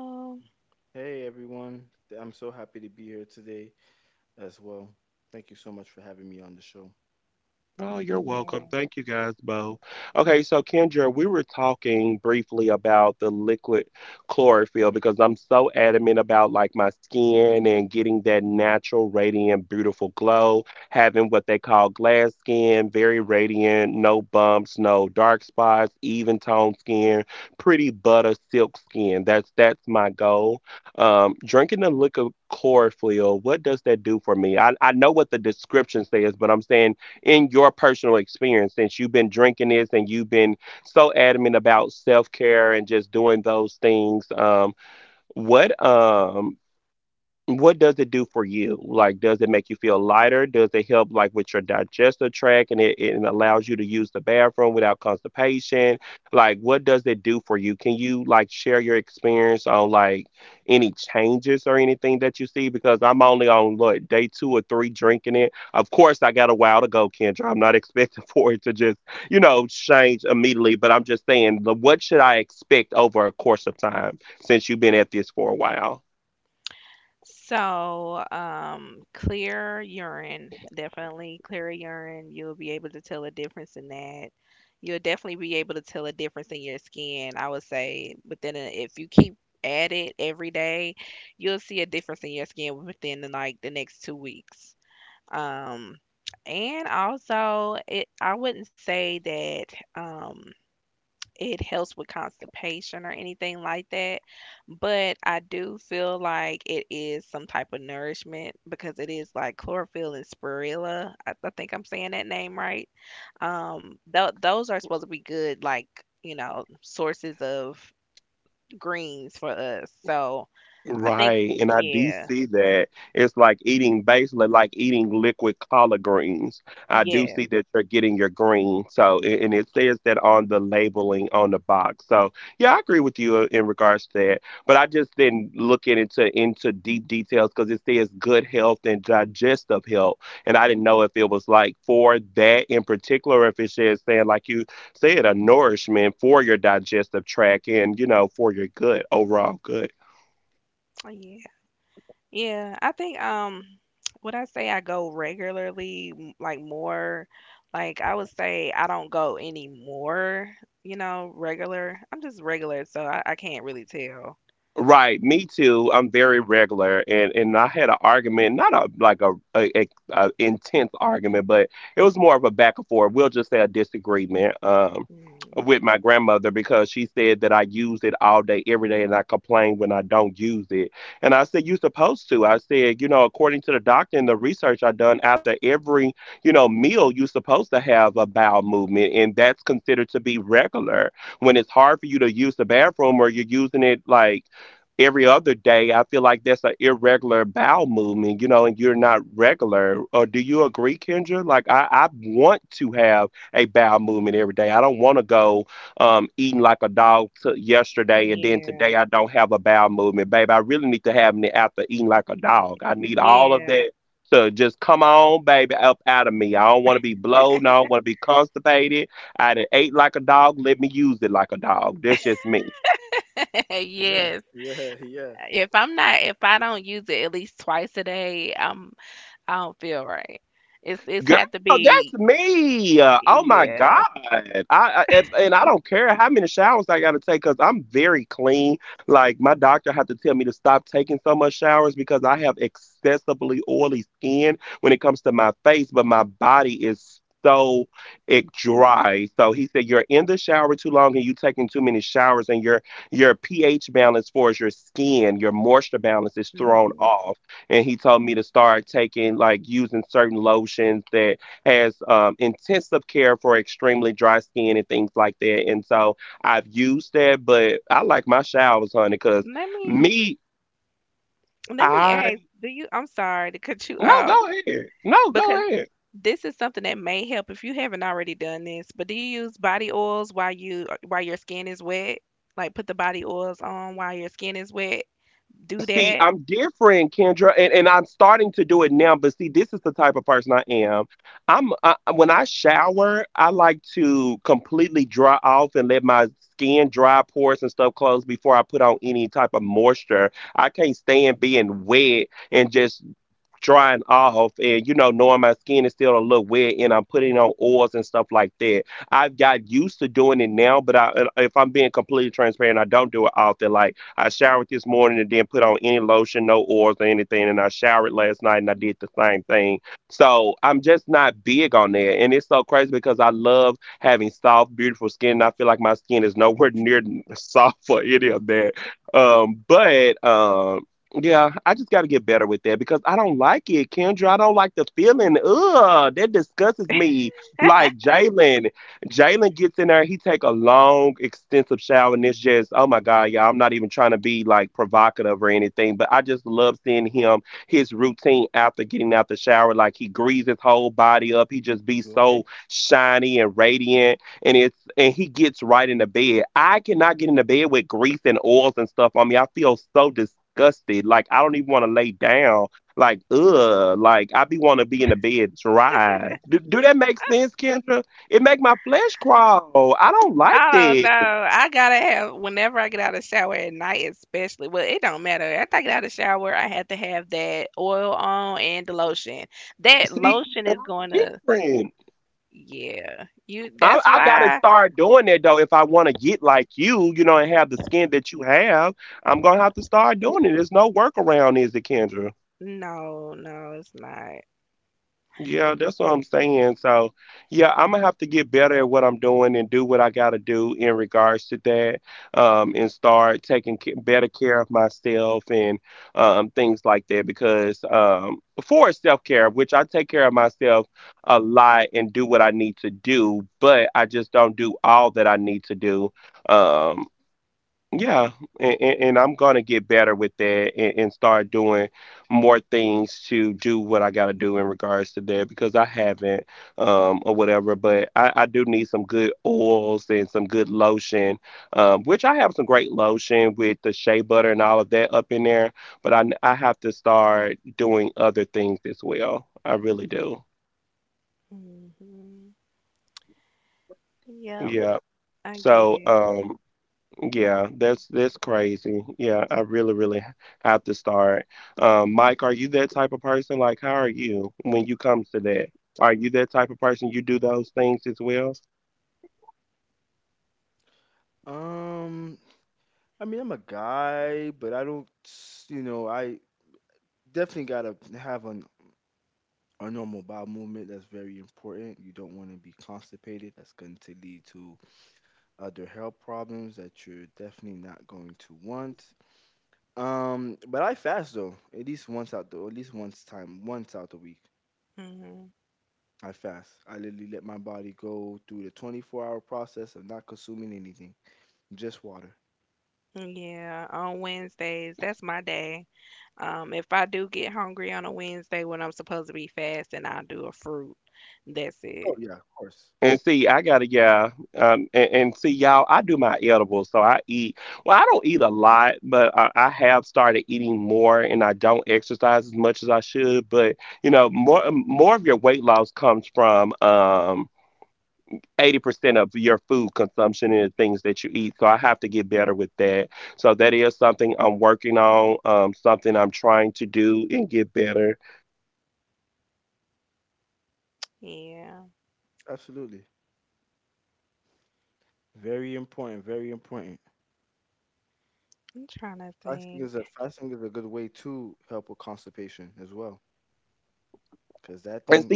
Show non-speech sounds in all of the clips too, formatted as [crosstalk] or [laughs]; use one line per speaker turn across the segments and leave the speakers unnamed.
Ye- Hey everyone, I'm so happy to be here today as well. Thank you so much for having me on the show.
Yeah. So, clear urine, definitely clear urine. You'll be able to tell a difference in that. You'll definitely be able to tell a difference in your skin, I would say. But then if you keep at it every day, you'll see a difference in your skin within the next 2 weeks. Um, and also, it I wouldn't say that. It helps with constipation or anything like that. But I do feel like it is some type of nourishment because it is like chlorophyll and spirilla. I think I'm saying that name right. Those are supposed to be good, like, sources of greens for us. So I think, yeah, yeah, yeah. Yeah, I think when I say I go regularly, like more, like I would say I don't go anymore, you know, regular. I'm just regular, so I can't really tell. Mm, yeah. y- Yeah. [laughs]
Yeah,
Yes.
yeah, [laughs] yeah.
If I don't use it at least twice a day, I don't feel right. It's had to be yeah. Hmm. Let me Let me ask, do you— I'm sorry to cut you off. Because, this is something that may help if you haven't already done this, but do you use body oils while you while your skin is wet? Like put the body oils on while your skin is wet? Do that? [laughs]
You okay?
I don't know. I gotta have— whenever I get out of the shower at night, especially. Well, it don't matter. After I get out of the shower, I have to have that oil on and the lotion. That lotion is going to, yeah. You. That's why. No, no, it's not. Hmm. Yep, I get it.
Um, I mean, I'm a guy, but I don't, s- you know, I definitely gotta have a normal bowel movement. That's very important. You don't want to be constipated. That's going to lead to other health problems that you're definitely not going to want. But I fast though, at least at least once time, once out the week.
Hmm.
I fast. I literally let my body go through the 24-hour process of not consuming anything, just water.
Yeah, on Wednesdays, that's my day. If I do get hungry on a Wednesday when I'm supposed to be fasting, I'll do a fruit. That's
Oh,
it.
yeah, of course.
Yeah,
Absolutely. Very important. Very important.
I'm trying to think.
Fasting is a good way to help with constipation as well, because that thing,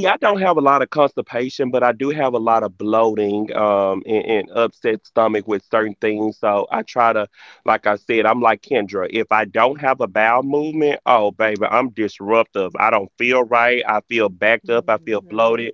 Hmm.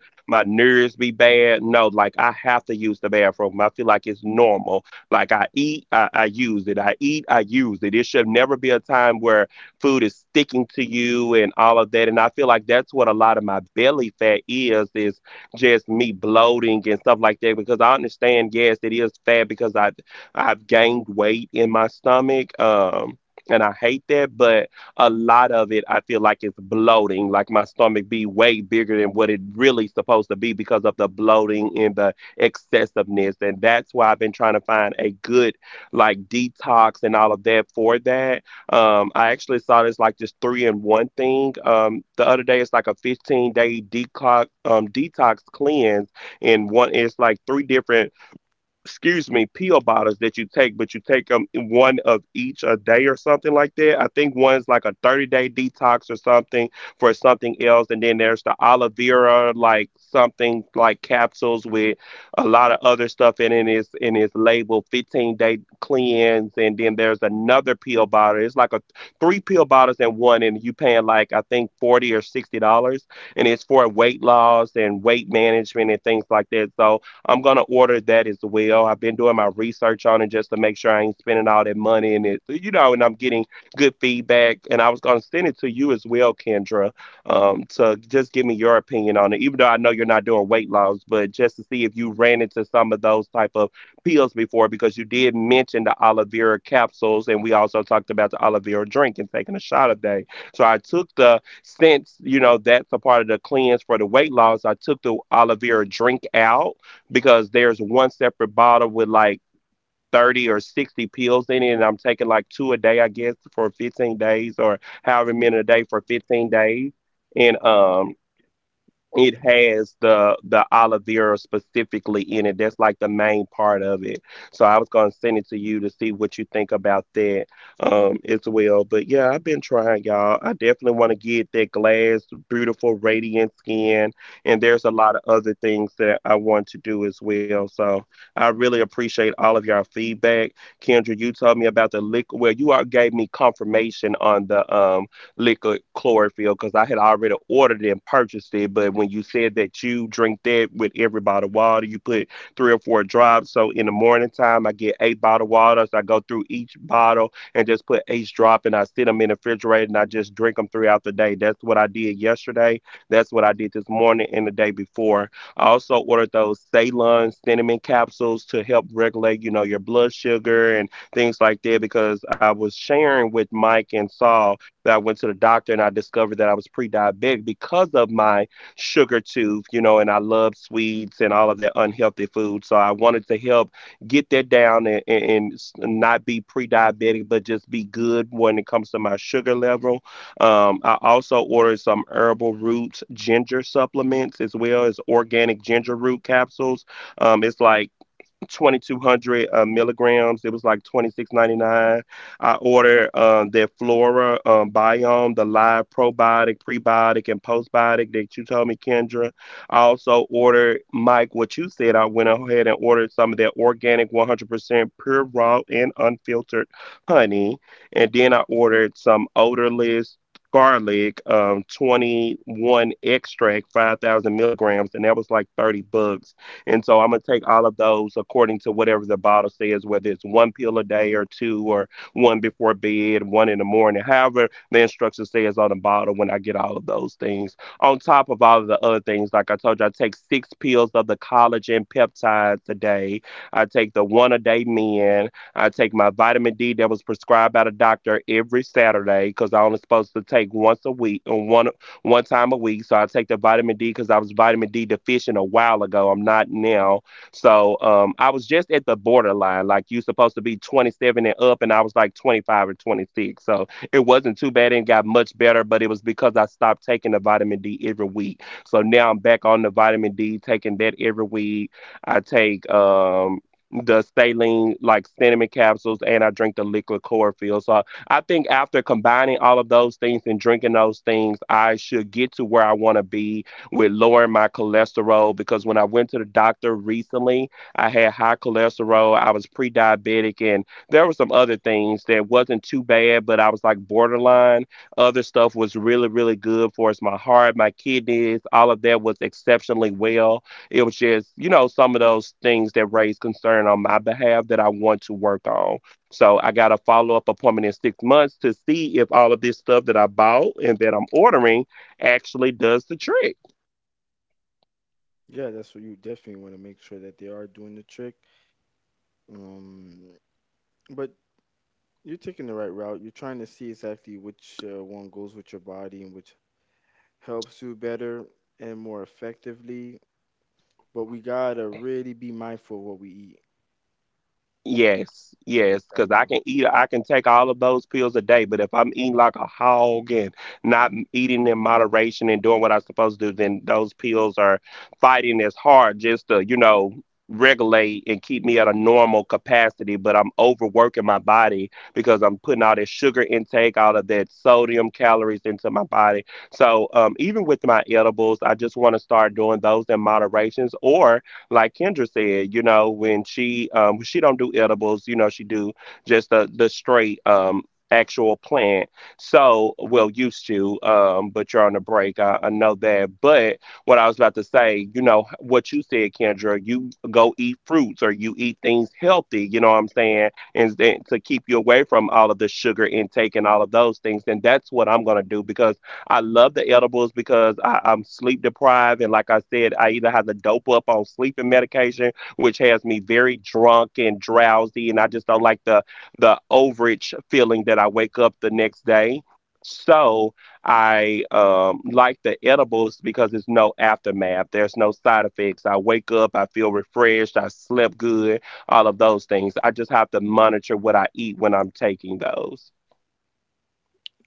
yeah, that's what you definitely want to make sure that they are doing the trick. Um, but you're taking the right route. You're trying to see exactly which one goes with your body and which helps you better and more effectively. But we gotta really be mindful of what we eat. Got to.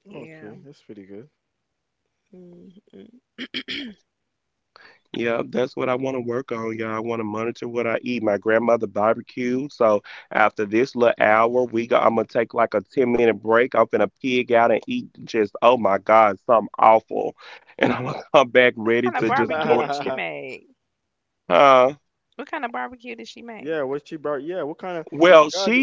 Yeah.
Okay, that's pretty good.
Hmm. What kind of barbecue did she
[laughs]
make? What kind of barbecue did she make?
Yeah, what she brought. Yeah, what kind of God?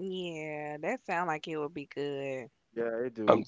Yeah, that sounds like it would be good.
Yeah, [laughs] it do.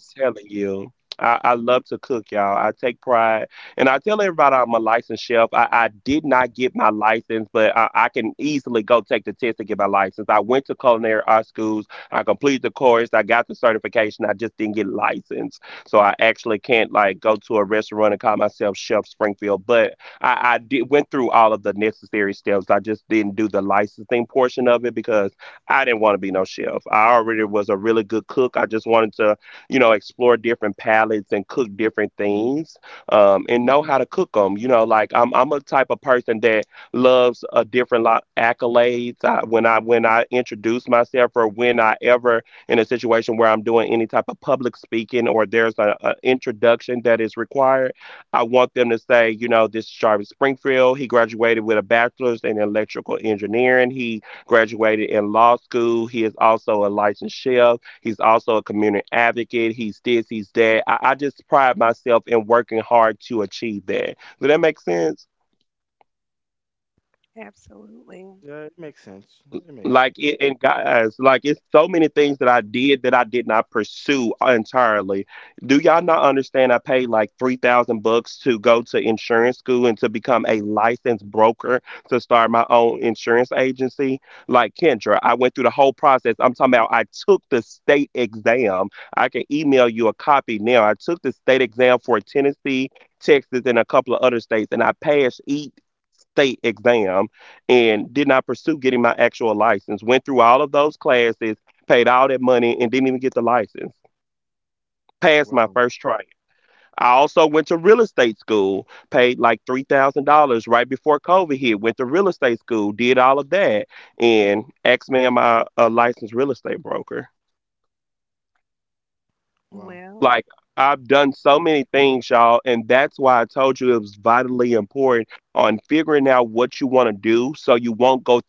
Absolutely.
Yeah, it makes sense. It makes sense. Wow, wow.
Well,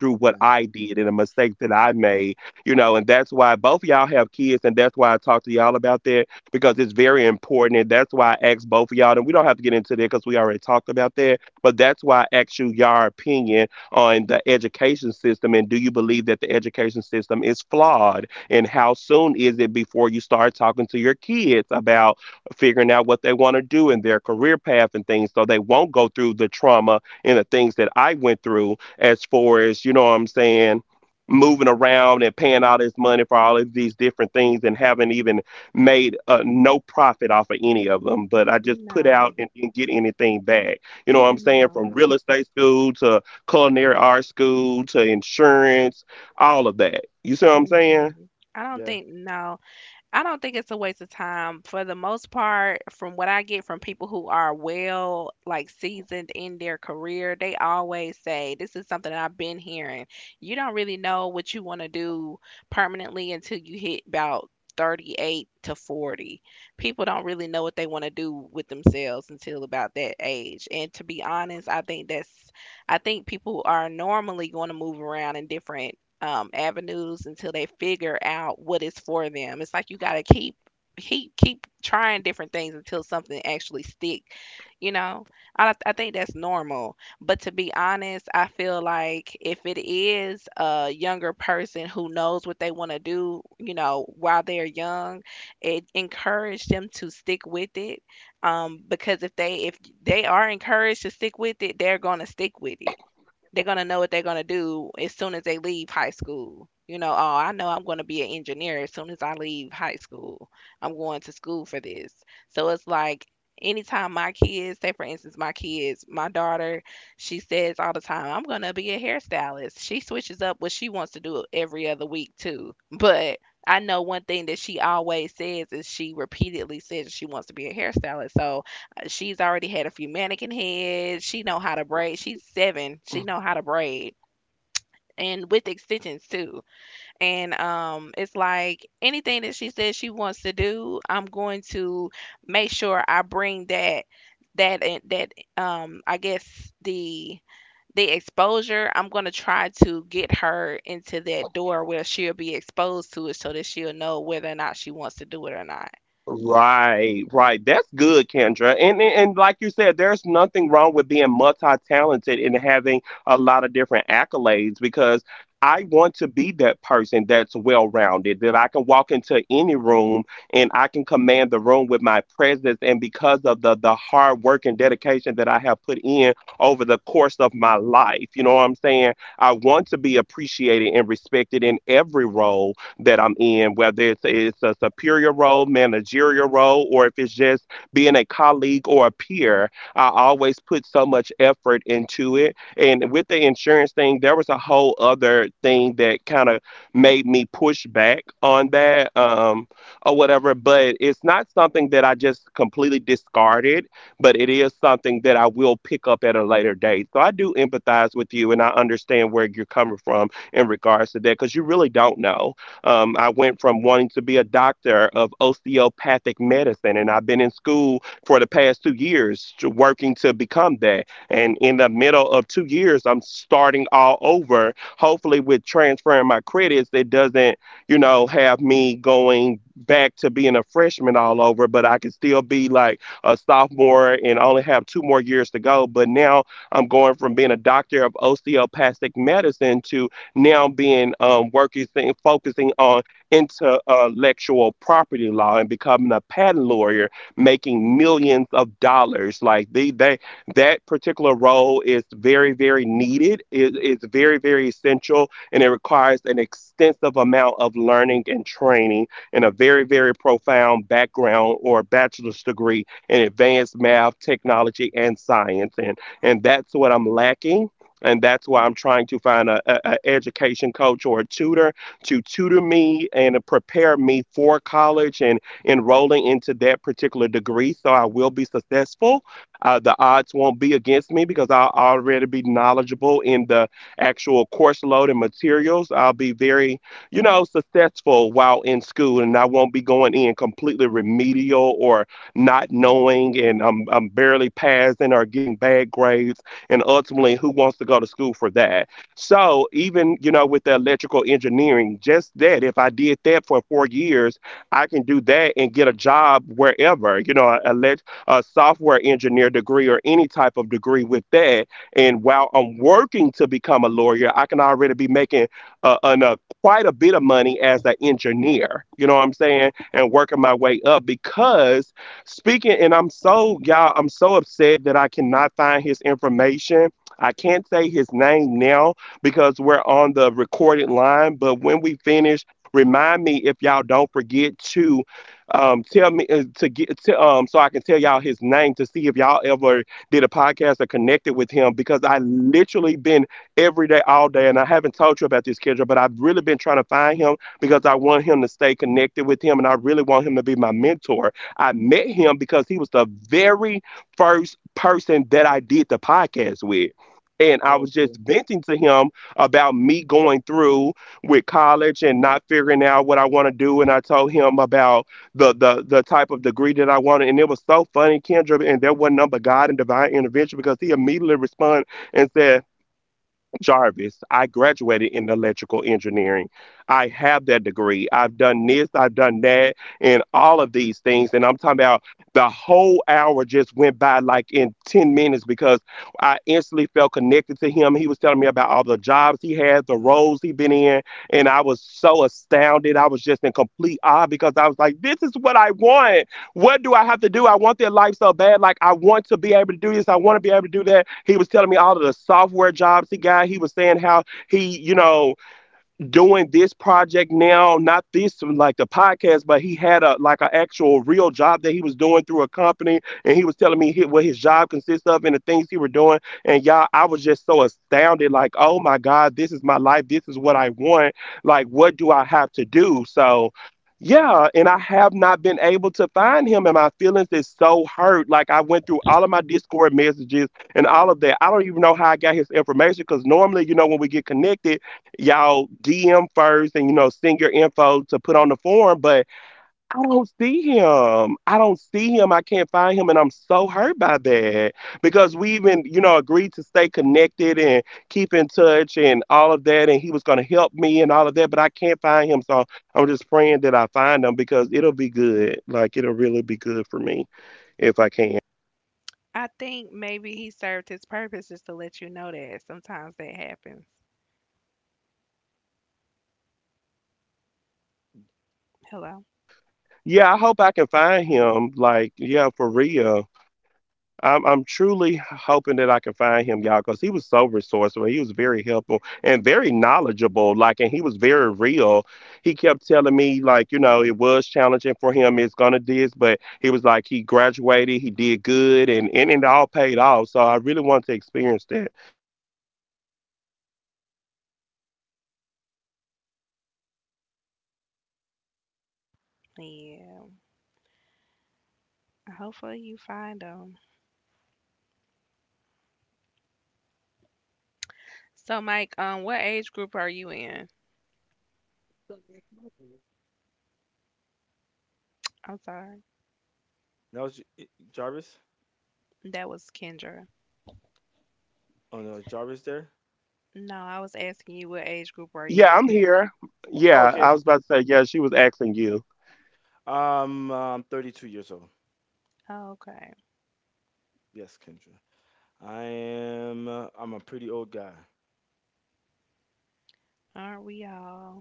Yeah,
no,
yeah,
no. Mm-mm. I don't
yeah.
think— no. I don't think it's a waste of time. For the most part, from what I get from people who are well, like seasoned in their career, they always say, this is something that I've been hearing. You don't really know what you want to do permanently until you hit about 38 to 40. People don't really know what they want to do with themselves until about that age. And to be honest, I think people are normally going to move around in different avenues until they figure out what is for them. It's like you got to keep trying different things until something actually stick. You know, I think that's normal. But to be honest, I feel like if it is a younger person who knows what they want to do, you know, while they're young, it encourage them to stick with it. Because if they are encouraged to stick with it, they're gonna stick with it— they're gonna know what they're gonna do as soon as they leave high school. You know, oh, I know I'm gonna be an engineer as soon as I leave high school. I'm going to school for this. So it's like anytime my kids, say for instance, my kids, my daughter, she says all the time, I'm gonna be a hairstylist. She switches up what she wants to do every other week too. But I know one thing that she always says is she repeatedly says she wants to be a hairstylist. So she's already had a few mannequin heads. She know how to braid. She's seven. She know how to braid, and with extensions too. And It's like anything that she says she wants to do, I'm going to make sure I bring that that that I guess the exposure. I'm going to try to get her into that door where she'll be exposed to it so that she'll know whether or not she wants to do it or not.
Oh, okay.
I think maybe he served his purpose, just to let you know that sometimes that happens. Hello? Yeah. Hopefully you find them. So, Mike, what age group are you in? I'm sorry.
Now it's J- I- Jarvis.
That was Kendra.
Oh no, is Jarvis there?
No, I was asking you what age group are you in?
Oh, okay. I'm 32 years old.
Okay.
Yes, Kendra. I am. I'm a pretty old guy. [laughs]
Aren't we all?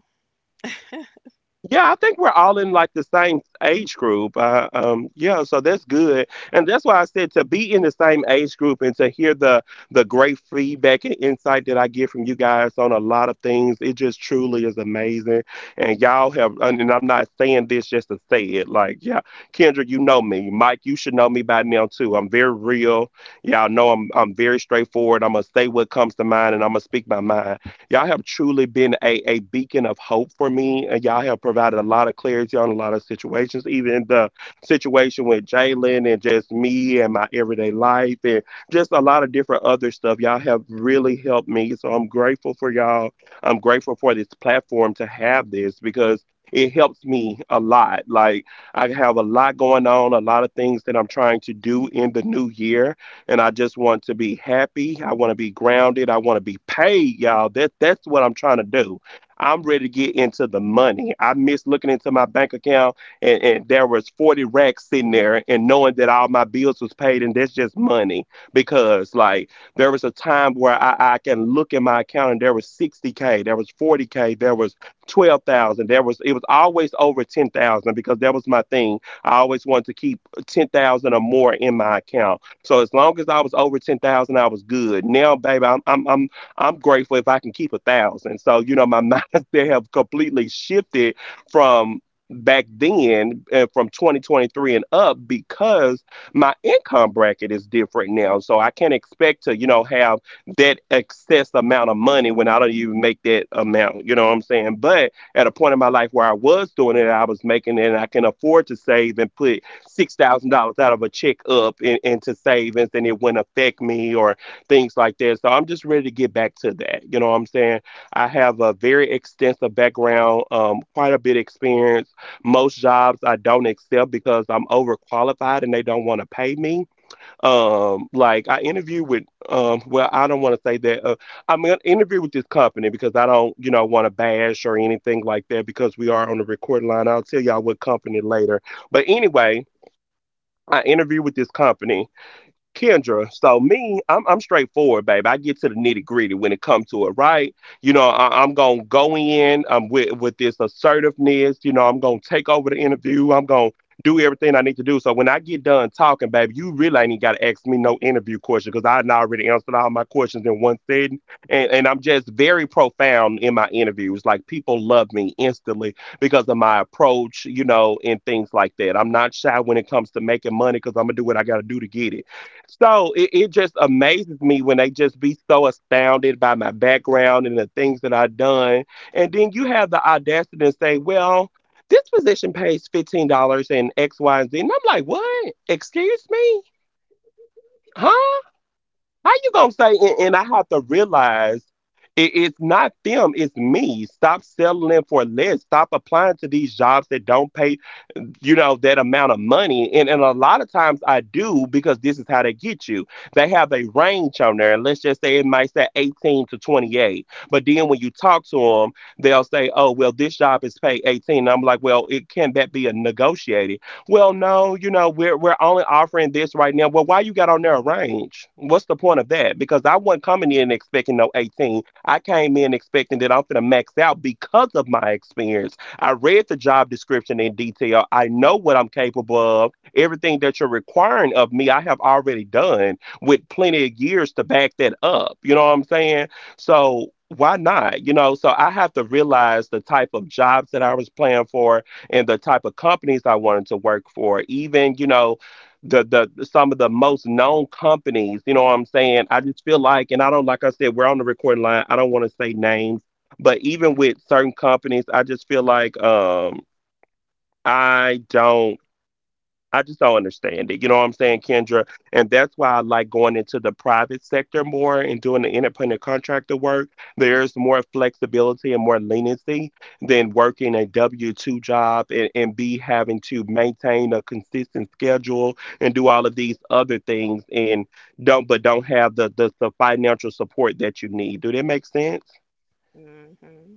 Mm-hmm.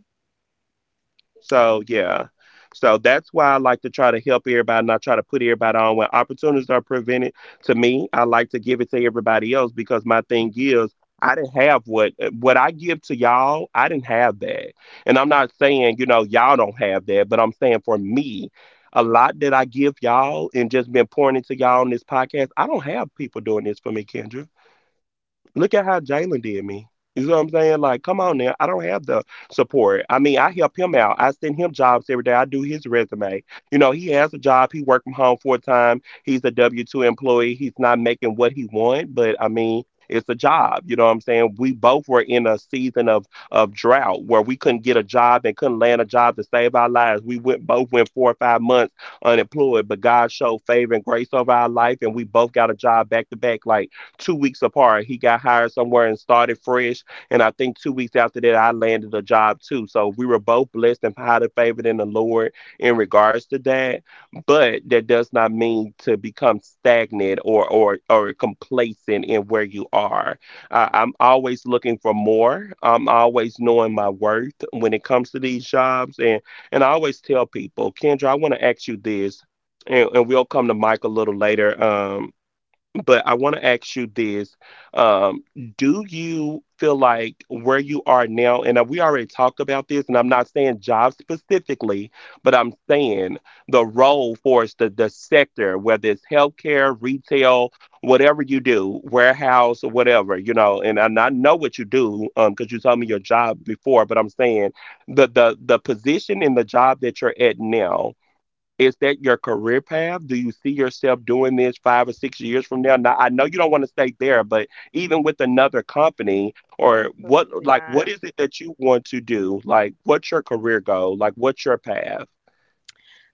Absolutely not.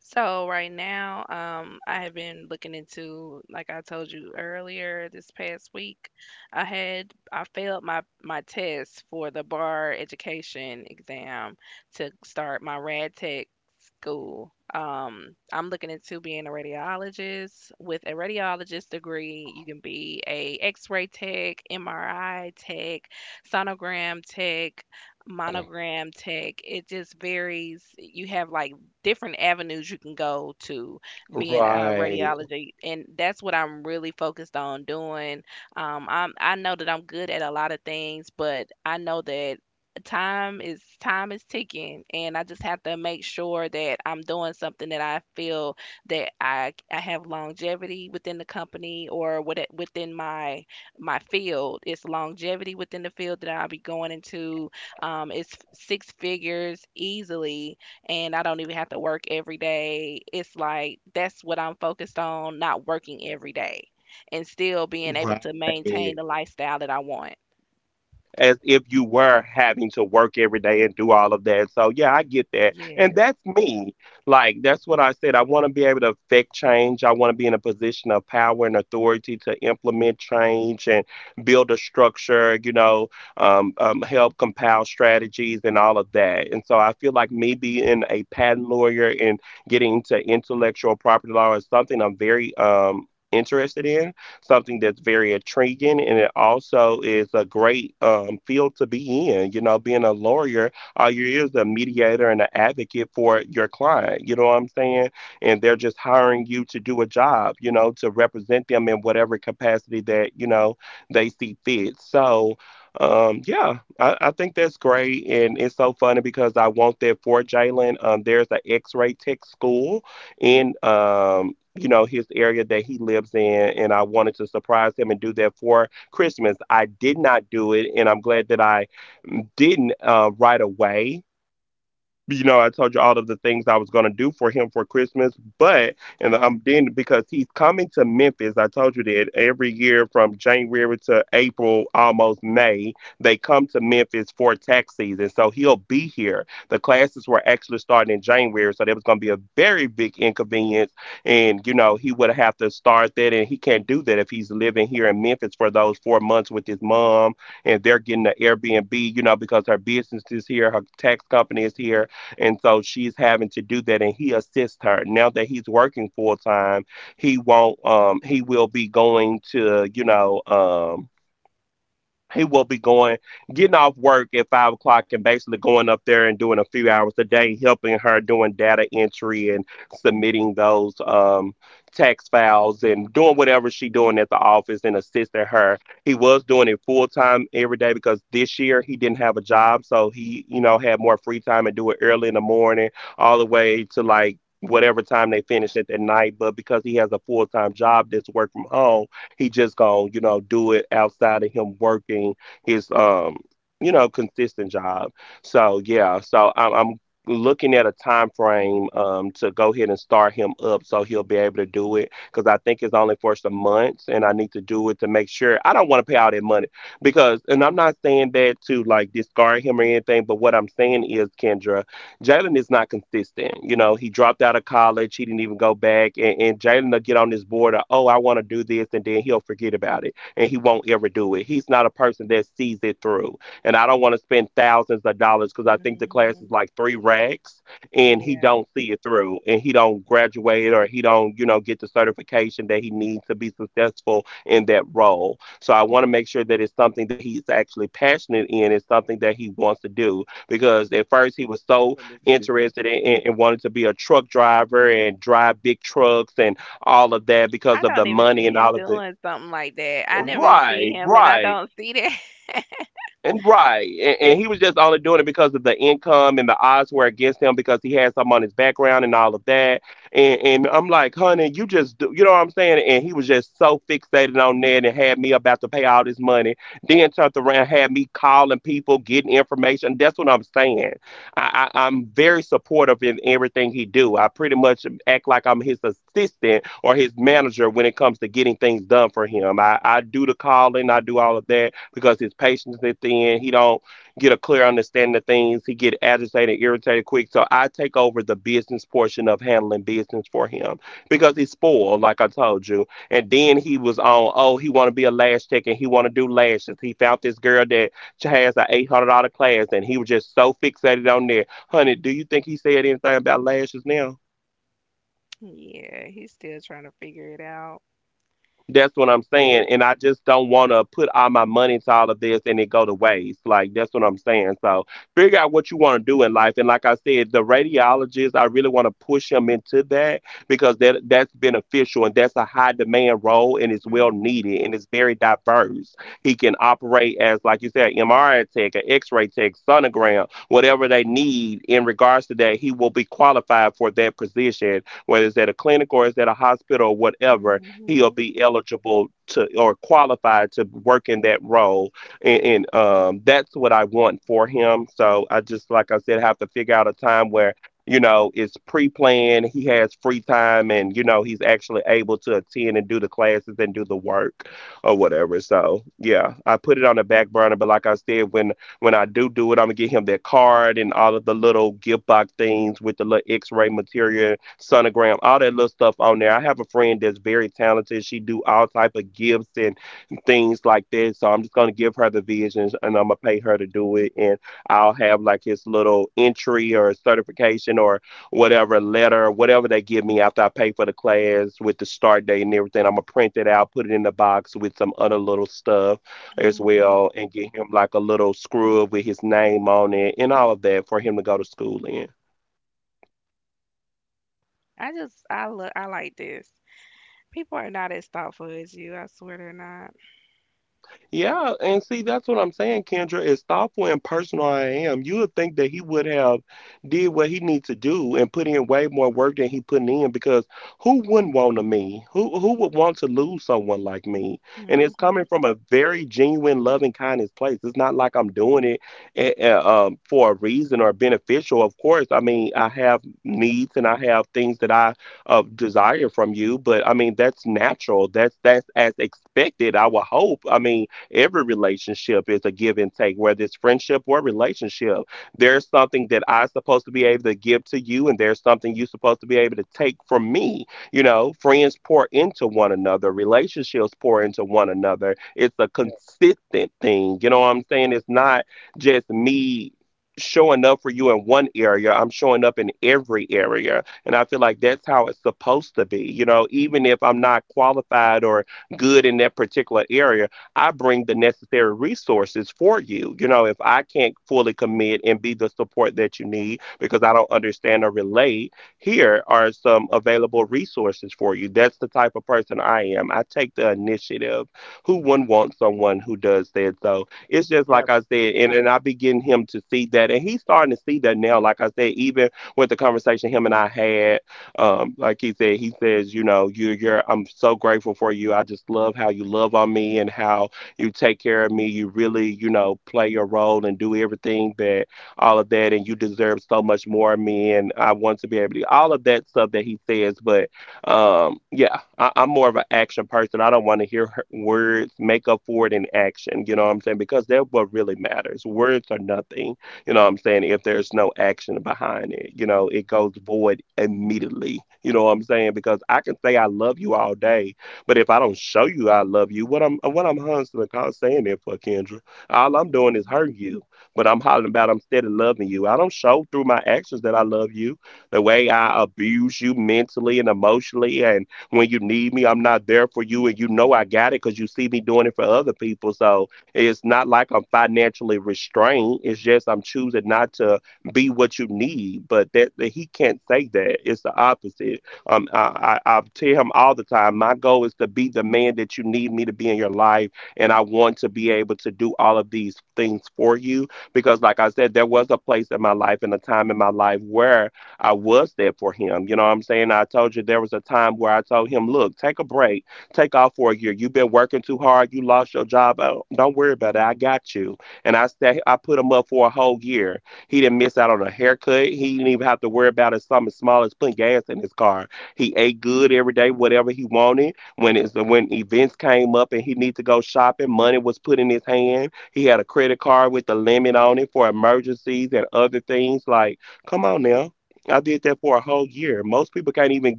So right now, I have been looking into, like I told you earlier, this past week, I failed my test for the bar education exam to start my rad tech school. I'm looking into being a radiologist. With a radiologist degree, you can be a X-ray tech, MRI tech, sonogram tech, monogram tech. It just varies. You have like different avenues you can go to being a radiology, and that's what I'm really focused on doing. I know that I'm good at a lot of things, but I know that time is ticking and I just have to make sure that I'm doing something that I feel that I have longevity within the company or within my field. It's longevity within the field that I'll be going into. It's six figures easily and I don't even have to work every day. It's like that's what I'm focused on, not working every day and still being able to maintain the lifestyle that I want. Yes. Hmm. Yeah.
Let me see.
I don't even see him doing something like that. I never even see him, and I don't see that. [laughs] Yeah, he's still trying to figure it out. Hmm. Hmm. Hmm. I just I look I like this. People are not as thoughtful as you. I swear they're not. Mm-hmm.
Yeah, yeah.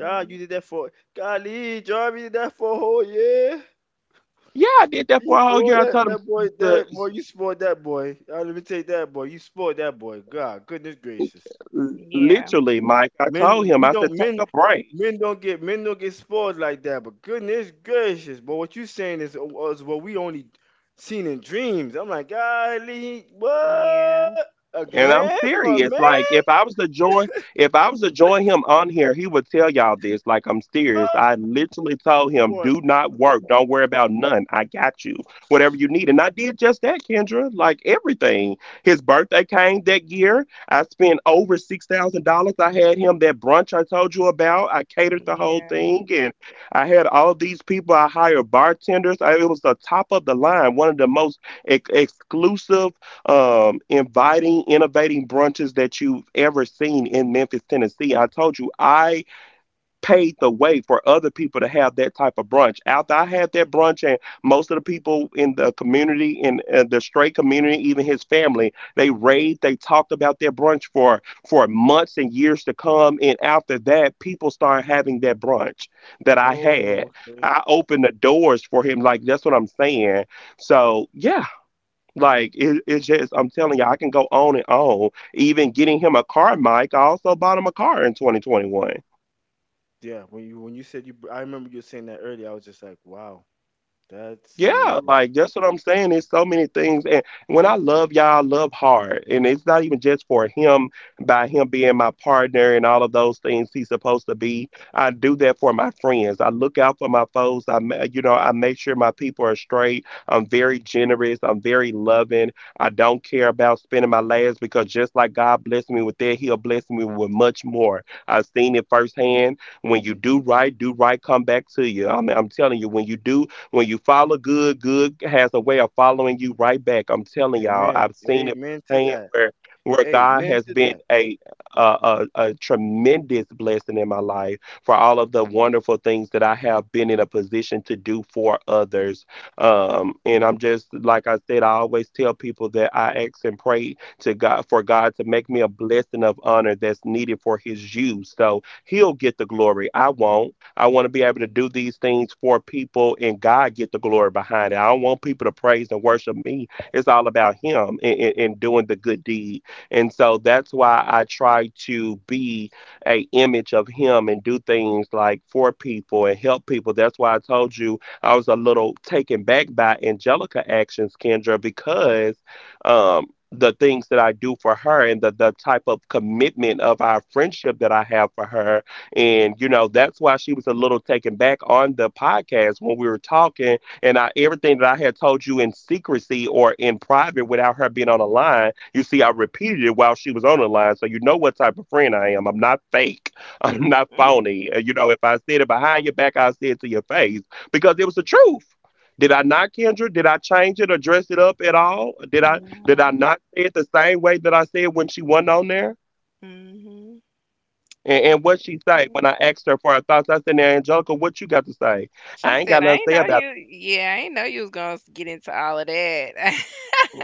God, you did that for golly, Jarvis did that for a whole year. You spoiled that boy, that boy, you spoiled that boy. Let me take that boy. You spoiled that boy. God, goodness gracious.
Yeah.
Men we don't men men don't get spoiled like that, but goodness gracious, but what you saying is what we only seen in dreams. I'm like, golly,
Yeah.
what a man for a man? Oh, for a-
Yeah.
oh, okay. Yeah, when you said you, I remember you saying that earlier. I was just like, wow, that's amazing. Amen. Amen to that. Amen to that.
No. Mhm. You— she said, "I ain't know you. Yeah, I ain't know you was gonna get into all of that." [laughs]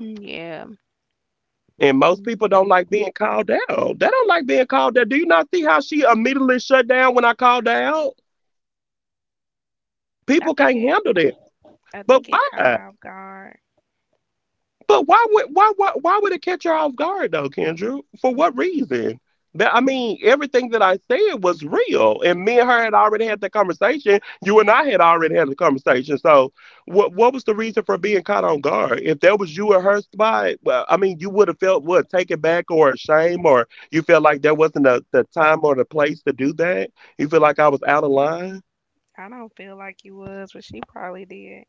Yeah. Mm. I think it. I think it caught her off guard. I don't feel like you was, but she probably did.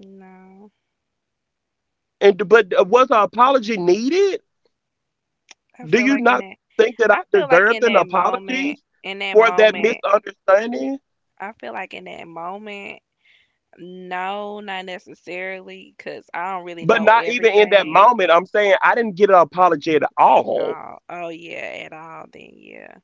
No, I feel like in that. I feel like in that moment. In that moment. I feel like in that moment. No, not necessarily, cause I don't really know everything. Oh, oh yeah, at all then, yeah.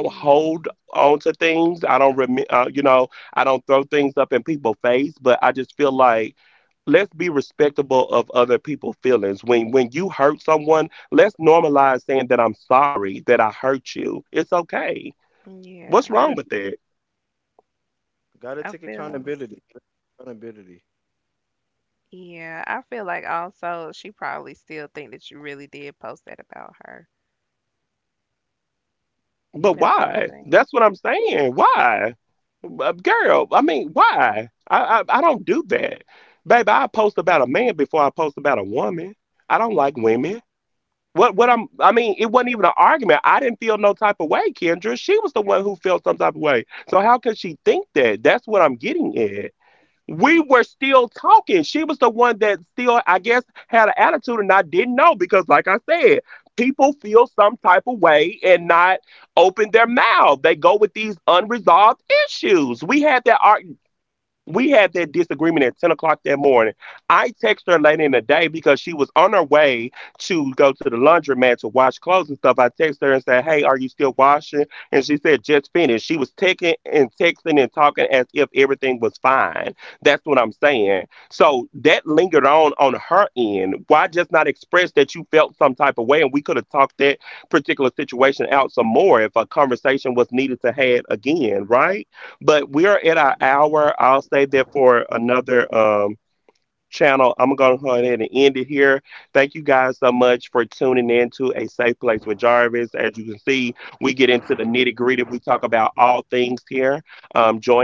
Mm, yeah.
Accountability. Gotta
I
take
feel
accountability. Accountability.
Yeah, I feel like also she probably still think that you really did post that about her. That's what I think.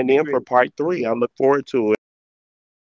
Be great.